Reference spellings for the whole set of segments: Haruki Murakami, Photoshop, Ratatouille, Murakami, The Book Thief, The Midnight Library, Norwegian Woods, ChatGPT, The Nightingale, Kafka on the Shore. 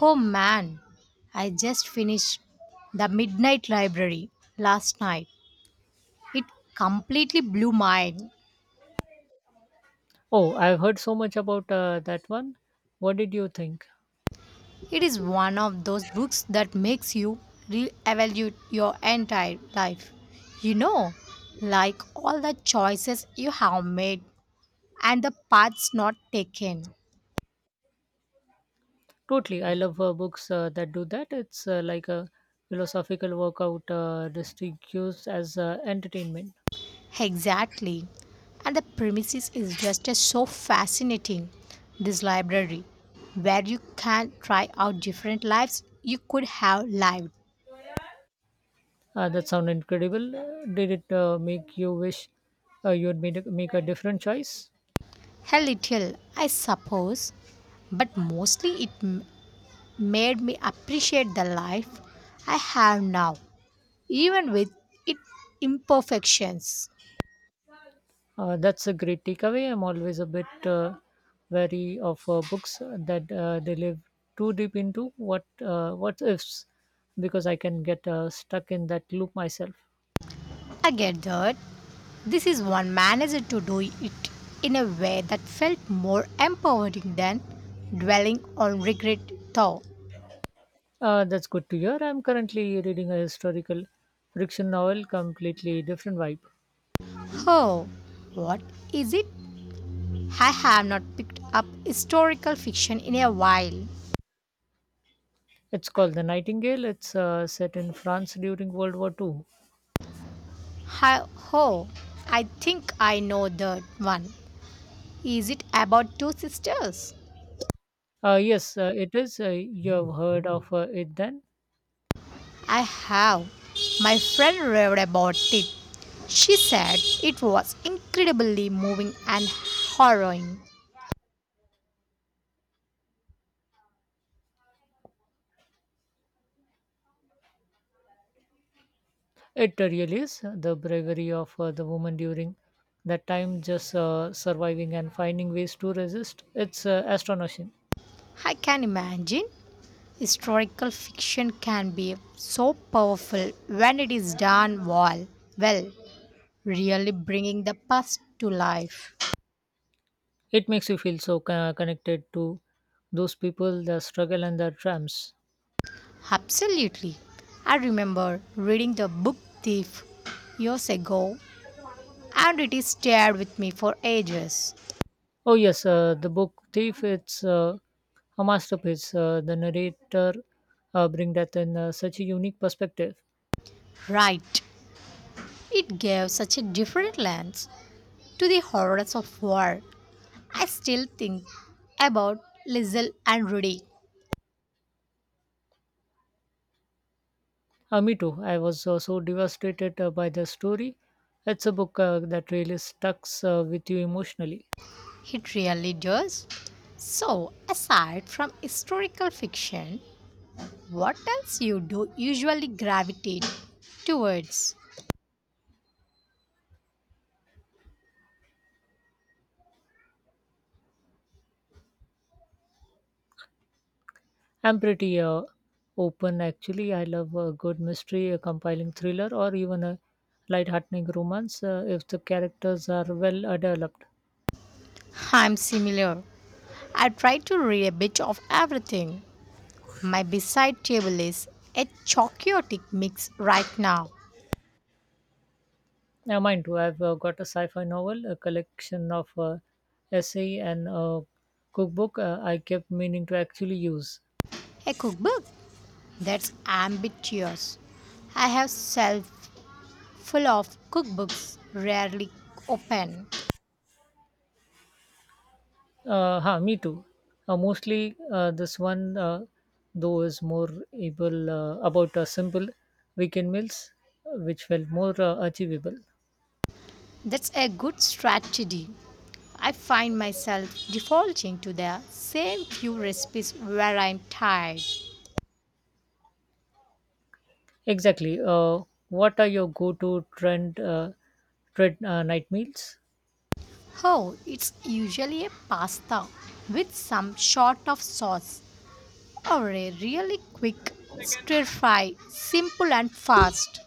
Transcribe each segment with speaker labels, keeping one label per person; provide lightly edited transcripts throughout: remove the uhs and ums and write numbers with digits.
Speaker 1: Oh man, I just finished The Midnight Library last night. It completely blew my mind.
Speaker 2: Oh, I've heard so much about that one. What did you think?
Speaker 1: It is one of those books that makes you re-evaluate your entire life. You know, like all the choices you have made and the paths not taken.
Speaker 2: Totally. I love books that do that. It's like a philosophical workout disguised as entertainment.
Speaker 1: Exactly. And the premises is just a so fascinating. This library, where you can try out different lives you could have lived.
Speaker 2: That sounds incredible. Did it make you wish you'd make a different choice?
Speaker 1: A little, I suppose, but mostly made me appreciate the life I have now, even with its imperfections.
Speaker 2: That's a great takeaway. I'm always a bit wary of books that they live too deep into what ifs because I can get stuck in that loop myself.
Speaker 1: I get that. This is one manager to do it in a way that felt more empowering than dwelling on regret though.
Speaker 2: That's good to hear. I'm currently reading a historical fiction novel, completely different vibe.
Speaker 1: Oh, what is it? I have not picked up historical fiction in a while.
Speaker 2: It's called The Nightingale. It's set in France during World War II.
Speaker 1: Hi- oh, I think I know that one. Is it about two sisters?
Speaker 2: Yes, it is. You have heard of it then?
Speaker 1: I have. My friend read about it. She said it was incredibly moving and harrowing.
Speaker 2: It really is. The bravery of the woman during that time, just surviving and finding ways to resist. It's astonishing.
Speaker 1: I can imagine. Historical fiction can be so powerful when it is done well, really bringing the past to life.
Speaker 2: It makes you feel so connected to those people, their struggle, and their triumphs.
Speaker 1: Absolutely. I remember reading the book Thief years ago and it is stared with me for ages.
Speaker 2: Oh yes, the book Thief. It's a masterpiece. The narrator bring that in such a unique perspective.
Speaker 1: Right. It gave such a different lens to the horrors of war. I still think about Lizzle and Rudy.
Speaker 2: Me too. I was so devastated by the story. It's a book that really stucks with you emotionally.
Speaker 1: It really does. So, aside from historical fiction, what else you do usually gravitate towards?
Speaker 2: I'm pretty open actually. I love a good mystery, a compiling thriller, or even a light-heartening romance if the characters are well developed.
Speaker 1: I'm similar. I try to read a bit of everything. My beside table is a chaotic mix right now.
Speaker 2: Yeah, mine too. I've got a sci-fi novel, a collection of essay and a cookbook I kept meaning to actually use.
Speaker 1: A cookbook, that's ambitious. I have shelf full of cookbooks rarely open.
Speaker 2: Me too. Mostly this one, though, is more able about simple weekend meals, which felt more achievable.
Speaker 1: That's a good strategy. I find myself defaulting to the same few recipes where I'm tired.
Speaker 2: Exactly. What are your go-to trend night meals?
Speaker 1: Oh, it's usually a pasta with some sort of sauce or a really quick stir fry, simple and fast.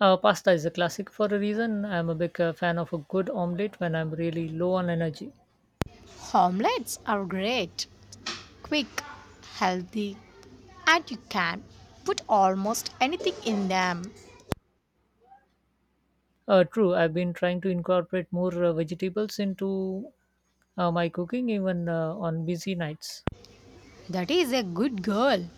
Speaker 2: Pasta is a classic for a reason. I'm a big fan of a good omelette when I'm really low on energy.
Speaker 1: Omelets are great, quick, healthy, and you can put almost anything in them.
Speaker 2: True, I've been trying to incorporate more vegetables into my cooking, even on busy nights.
Speaker 1: That is a good girl.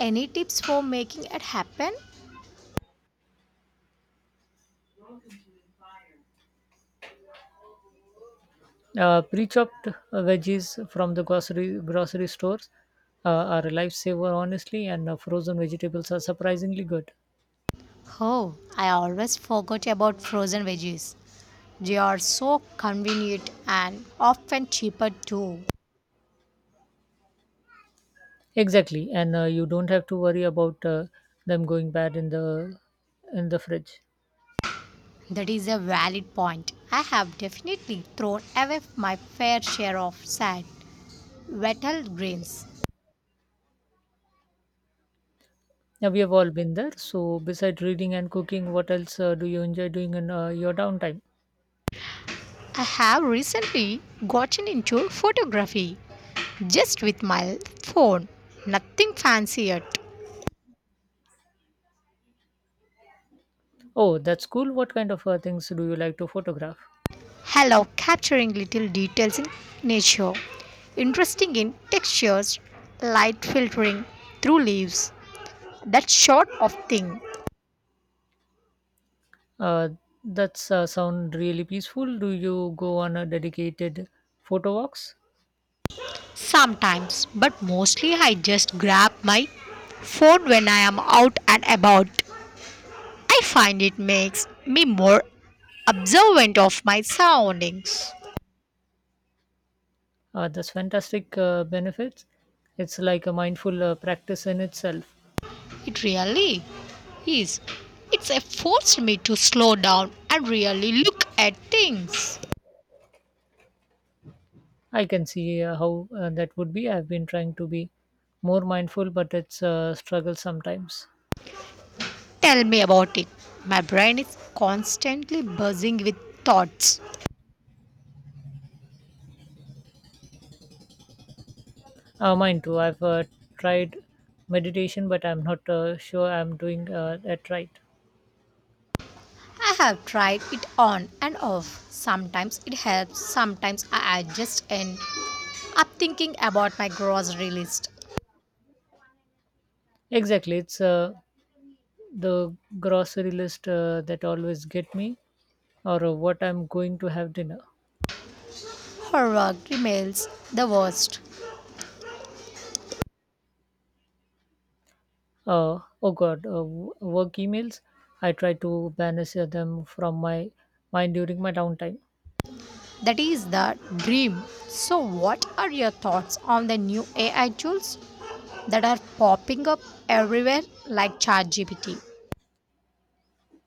Speaker 1: Any tips for making it happen?
Speaker 2: Pre-chopped veggies from the grocery stores uh, are a lifesaver, honestly, and frozen vegetables are surprisingly good.
Speaker 1: Oh, I always forgot about frozen veggies. They are so convenient and often cheaper too.
Speaker 2: Exactly, and you don't have to worry about them going bad in the fridge.
Speaker 1: That is a valid point. I have definitely thrown away my fair share of sad, vital greens.
Speaker 2: Now we have all been there. So besides reading and cooking, what else do you enjoy doing in your downtime?
Speaker 1: I have recently gotten into photography, just with my phone. Nothing fancy yet,
Speaker 2: Oh, that's cool. What kind of things do you like to photograph?
Speaker 1: allow capturing little details in nature, interesting in textures, light filtering through leaves, that sort of thing.
Speaker 2: Uh, that's sound really peaceful. Do you go on a dedicated photo walks?
Speaker 1: Sometimes, but mostly I just grab my phone when I am out and about. I find it makes me more observant of my surroundings.
Speaker 2: That's fantastic benefits. It's like a mindful practice in itself.
Speaker 1: It really is. It's forced me to slow down and really look at things.
Speaker 2: I can see how that would be. I've been trying to be more mindful, but it's a struggle sometimes.
Speaker 1: Tell me about it. My brain is constantly buzzing with thoughts.
Speaker 2: Mine too. I've tried meditation, but I'm not sure I'm doing that right.
Speaker 1: I have tried it on and off. Sometimes it helps, sometimes I adjust and I'm thinking about my grocery list.
Speaker 2: Exactly. It's the grocery list that always get me or what I'm going to have dinner.
Speaker 1: Her work remains the worst.
Speaker 2: Oh God, work emails. I try to banish them from my mind during my downtime.
Speaker 1: That is the dream. So, what are your thoughts on the new AI tools that are popping up everywhere like ChatGPT?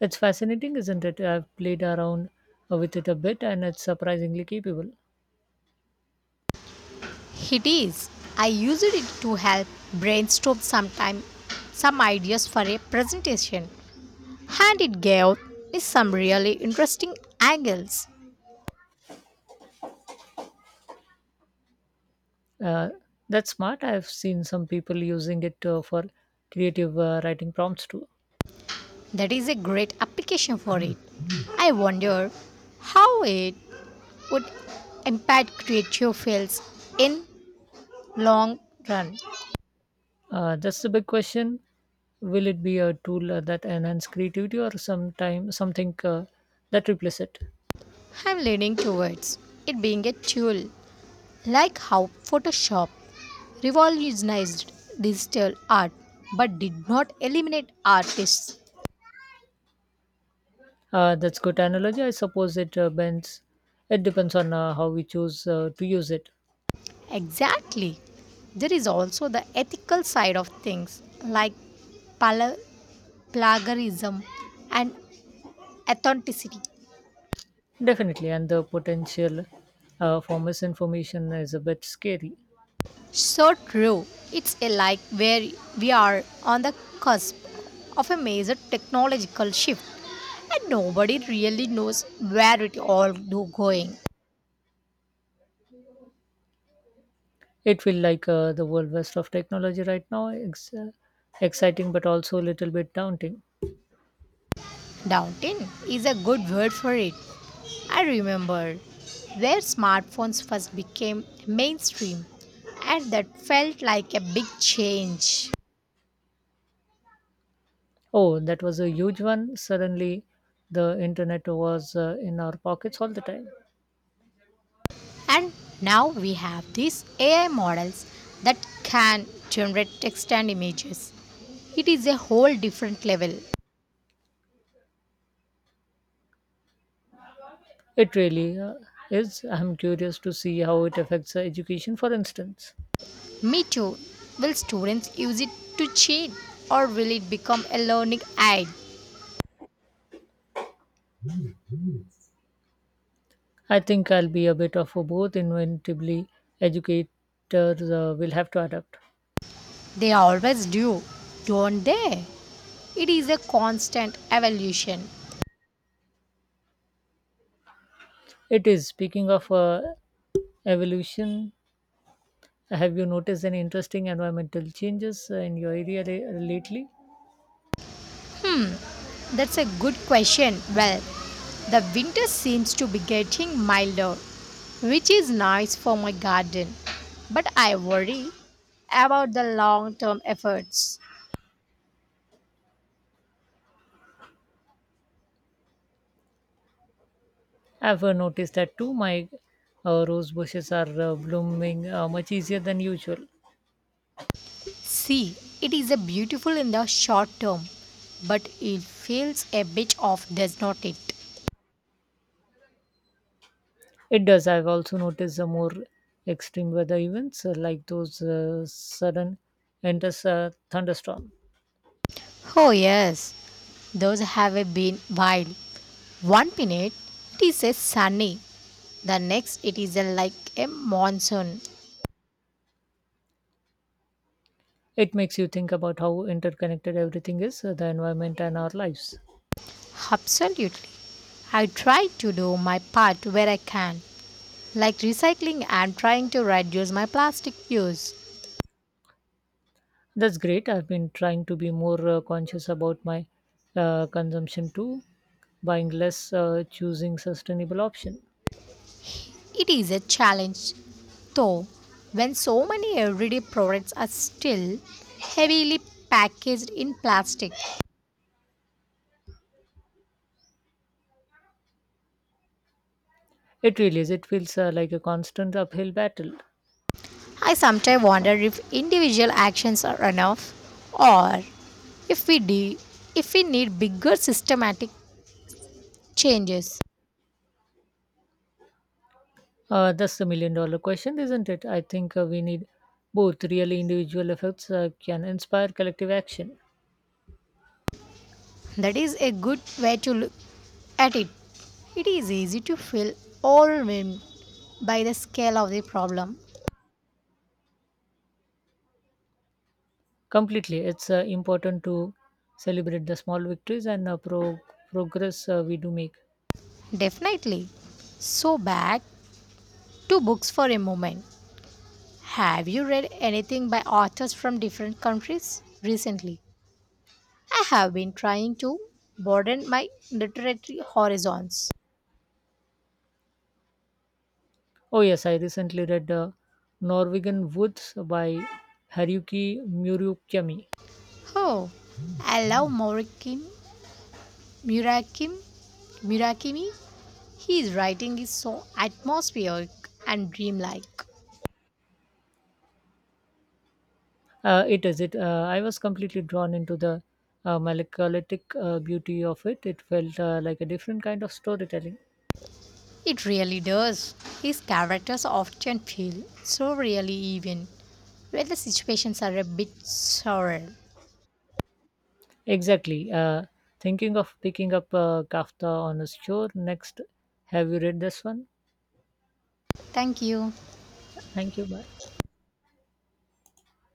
Speaker 2: It's fascinating, isn't it? I've played around with it a bit and it's surprisingly capable.
Speaker 1: It is. I use it to help brainstorm sometime some ideas for a presentation, and it gave me some really interesting angles.
Speaker 2: Uh, that's smart. I've seen some people using it for creative writing prompts too.
Speaker 1: That is a great application for it. I wonder how it would impact creative fields in long run.
Speaker 2: That's the big question. Will it be a tool that enhance creativity or sometime something that replaces it?
Speaker 1: I'm leaning towards it being a tool. Like how Photoshop revolutionized digital art but did not eliminate artists.
Speaker 2: That's good analogy. I suppose it bends. It depends on how we choose to use it.
Speaker 1: Exactly. There is also the ethical side of things like pala- plagiarism and authenticity.
Speaker 2: Definitely, and the potential for misinformation is a bit scary.
Speaker 1: So true. It's a like where we are on the cusp of a major technological shift and nobody really knows where it all do going.
Speaker 2: It feels like the world west of technology right now. Exciting, but also a little bit daunting.
Speaker 1: Downtown is a good word for it. I remember where smartphones first became mainstream, and that felt like a big change.
Speaker 2: Oh, that was a huge one. Suddenly, the internet was in our pockets all the time.
Speaker 1: And now we have these AI models that can generate text and images. It is a whole different level.
Speaker 2: It really is. I'm curious to see how it affects education, for instance.
Speaker 1: Me too. Will students use it to cheat, or will it become a learning aid?
Speaker 2: I think I'll be a bit of a both inevitably educators will have to adapt.
Speaker 1: They always do, don't they? It is a constant evolution.
Speaker 2: It is speaking of evolution. Have you noticed any interesting environmental changes in your area lately?
Speaker 1: Hmm, that's a good question. Well, the winter seems to be getting milder, which is nice for my garden. But I worry about the long term efforts.
Speaker 2: I've noticed that too. My rose bushes are blooming much easier than usual.
Speaker 1: See, it is a beautiful in the short term, but it feels a bit off, does not it?
Speaker 2: It does. I've also noticed the more extreme weather events like those sudden endless thunderstorms.
Speaker 1: Oh, yes, those have been wild. One minute it is a sunny, the next it is a, like a monsoon.
Speaker 2: It makes you think about how interconnected everything is, the environment and our lives.
Speaker 1: Absolutely. I try to do my part where I can, like recycling and trying to reduce my plastic use.
Speaker 2: That's great. I've been trying to be more conscious about my consumption too, buying less, choosing sustainable option.
Speaker 1: It is a challenge, though, when so many everyday products are still heavily packaged in plastic.
Speaker 2: It really is. It feels like a constant uphill battle.
Speaker 1: I sometimes wonder if individual actions are enough, or if we de- if we need bigger systematic changes.
Speaker 2: That's the million dollar question, isn't it? I think we need both. Really, individual efforts can inspire collective action.
Speaker 1: That is a good way to look at it. It is easy to feel overwhelmed by the scale of the problem.
Speaker 2: Completely, it's important to celebrate the small victories and progress we do make.
Speaker 1: Definitely. So back to books for a moment. Have you read anything by authors from different countries recently? I have been trying to broaden my literary horizons.
Speaker 2: Oh, yes, I recently read Norwegian Woods by Haruki Murakami.
Speaker 1: Oh, I love Murakami. Murakami. Murakami. His writing is so atmospheric and dreamlike.
Speaker 2: It is it. I was completely drawn into the melancholic beauty of it. It felt like a different kind of storytelling.
Speaker 1: It really does. His characters often feel so really even, where the situations are a bit surreal.
Speaker 2: Exactly. Thinking of picking up Kafka on a shore next. Have you read this one?
Speaker 1: Thank you.
Speaker 2: Thank you. Bye.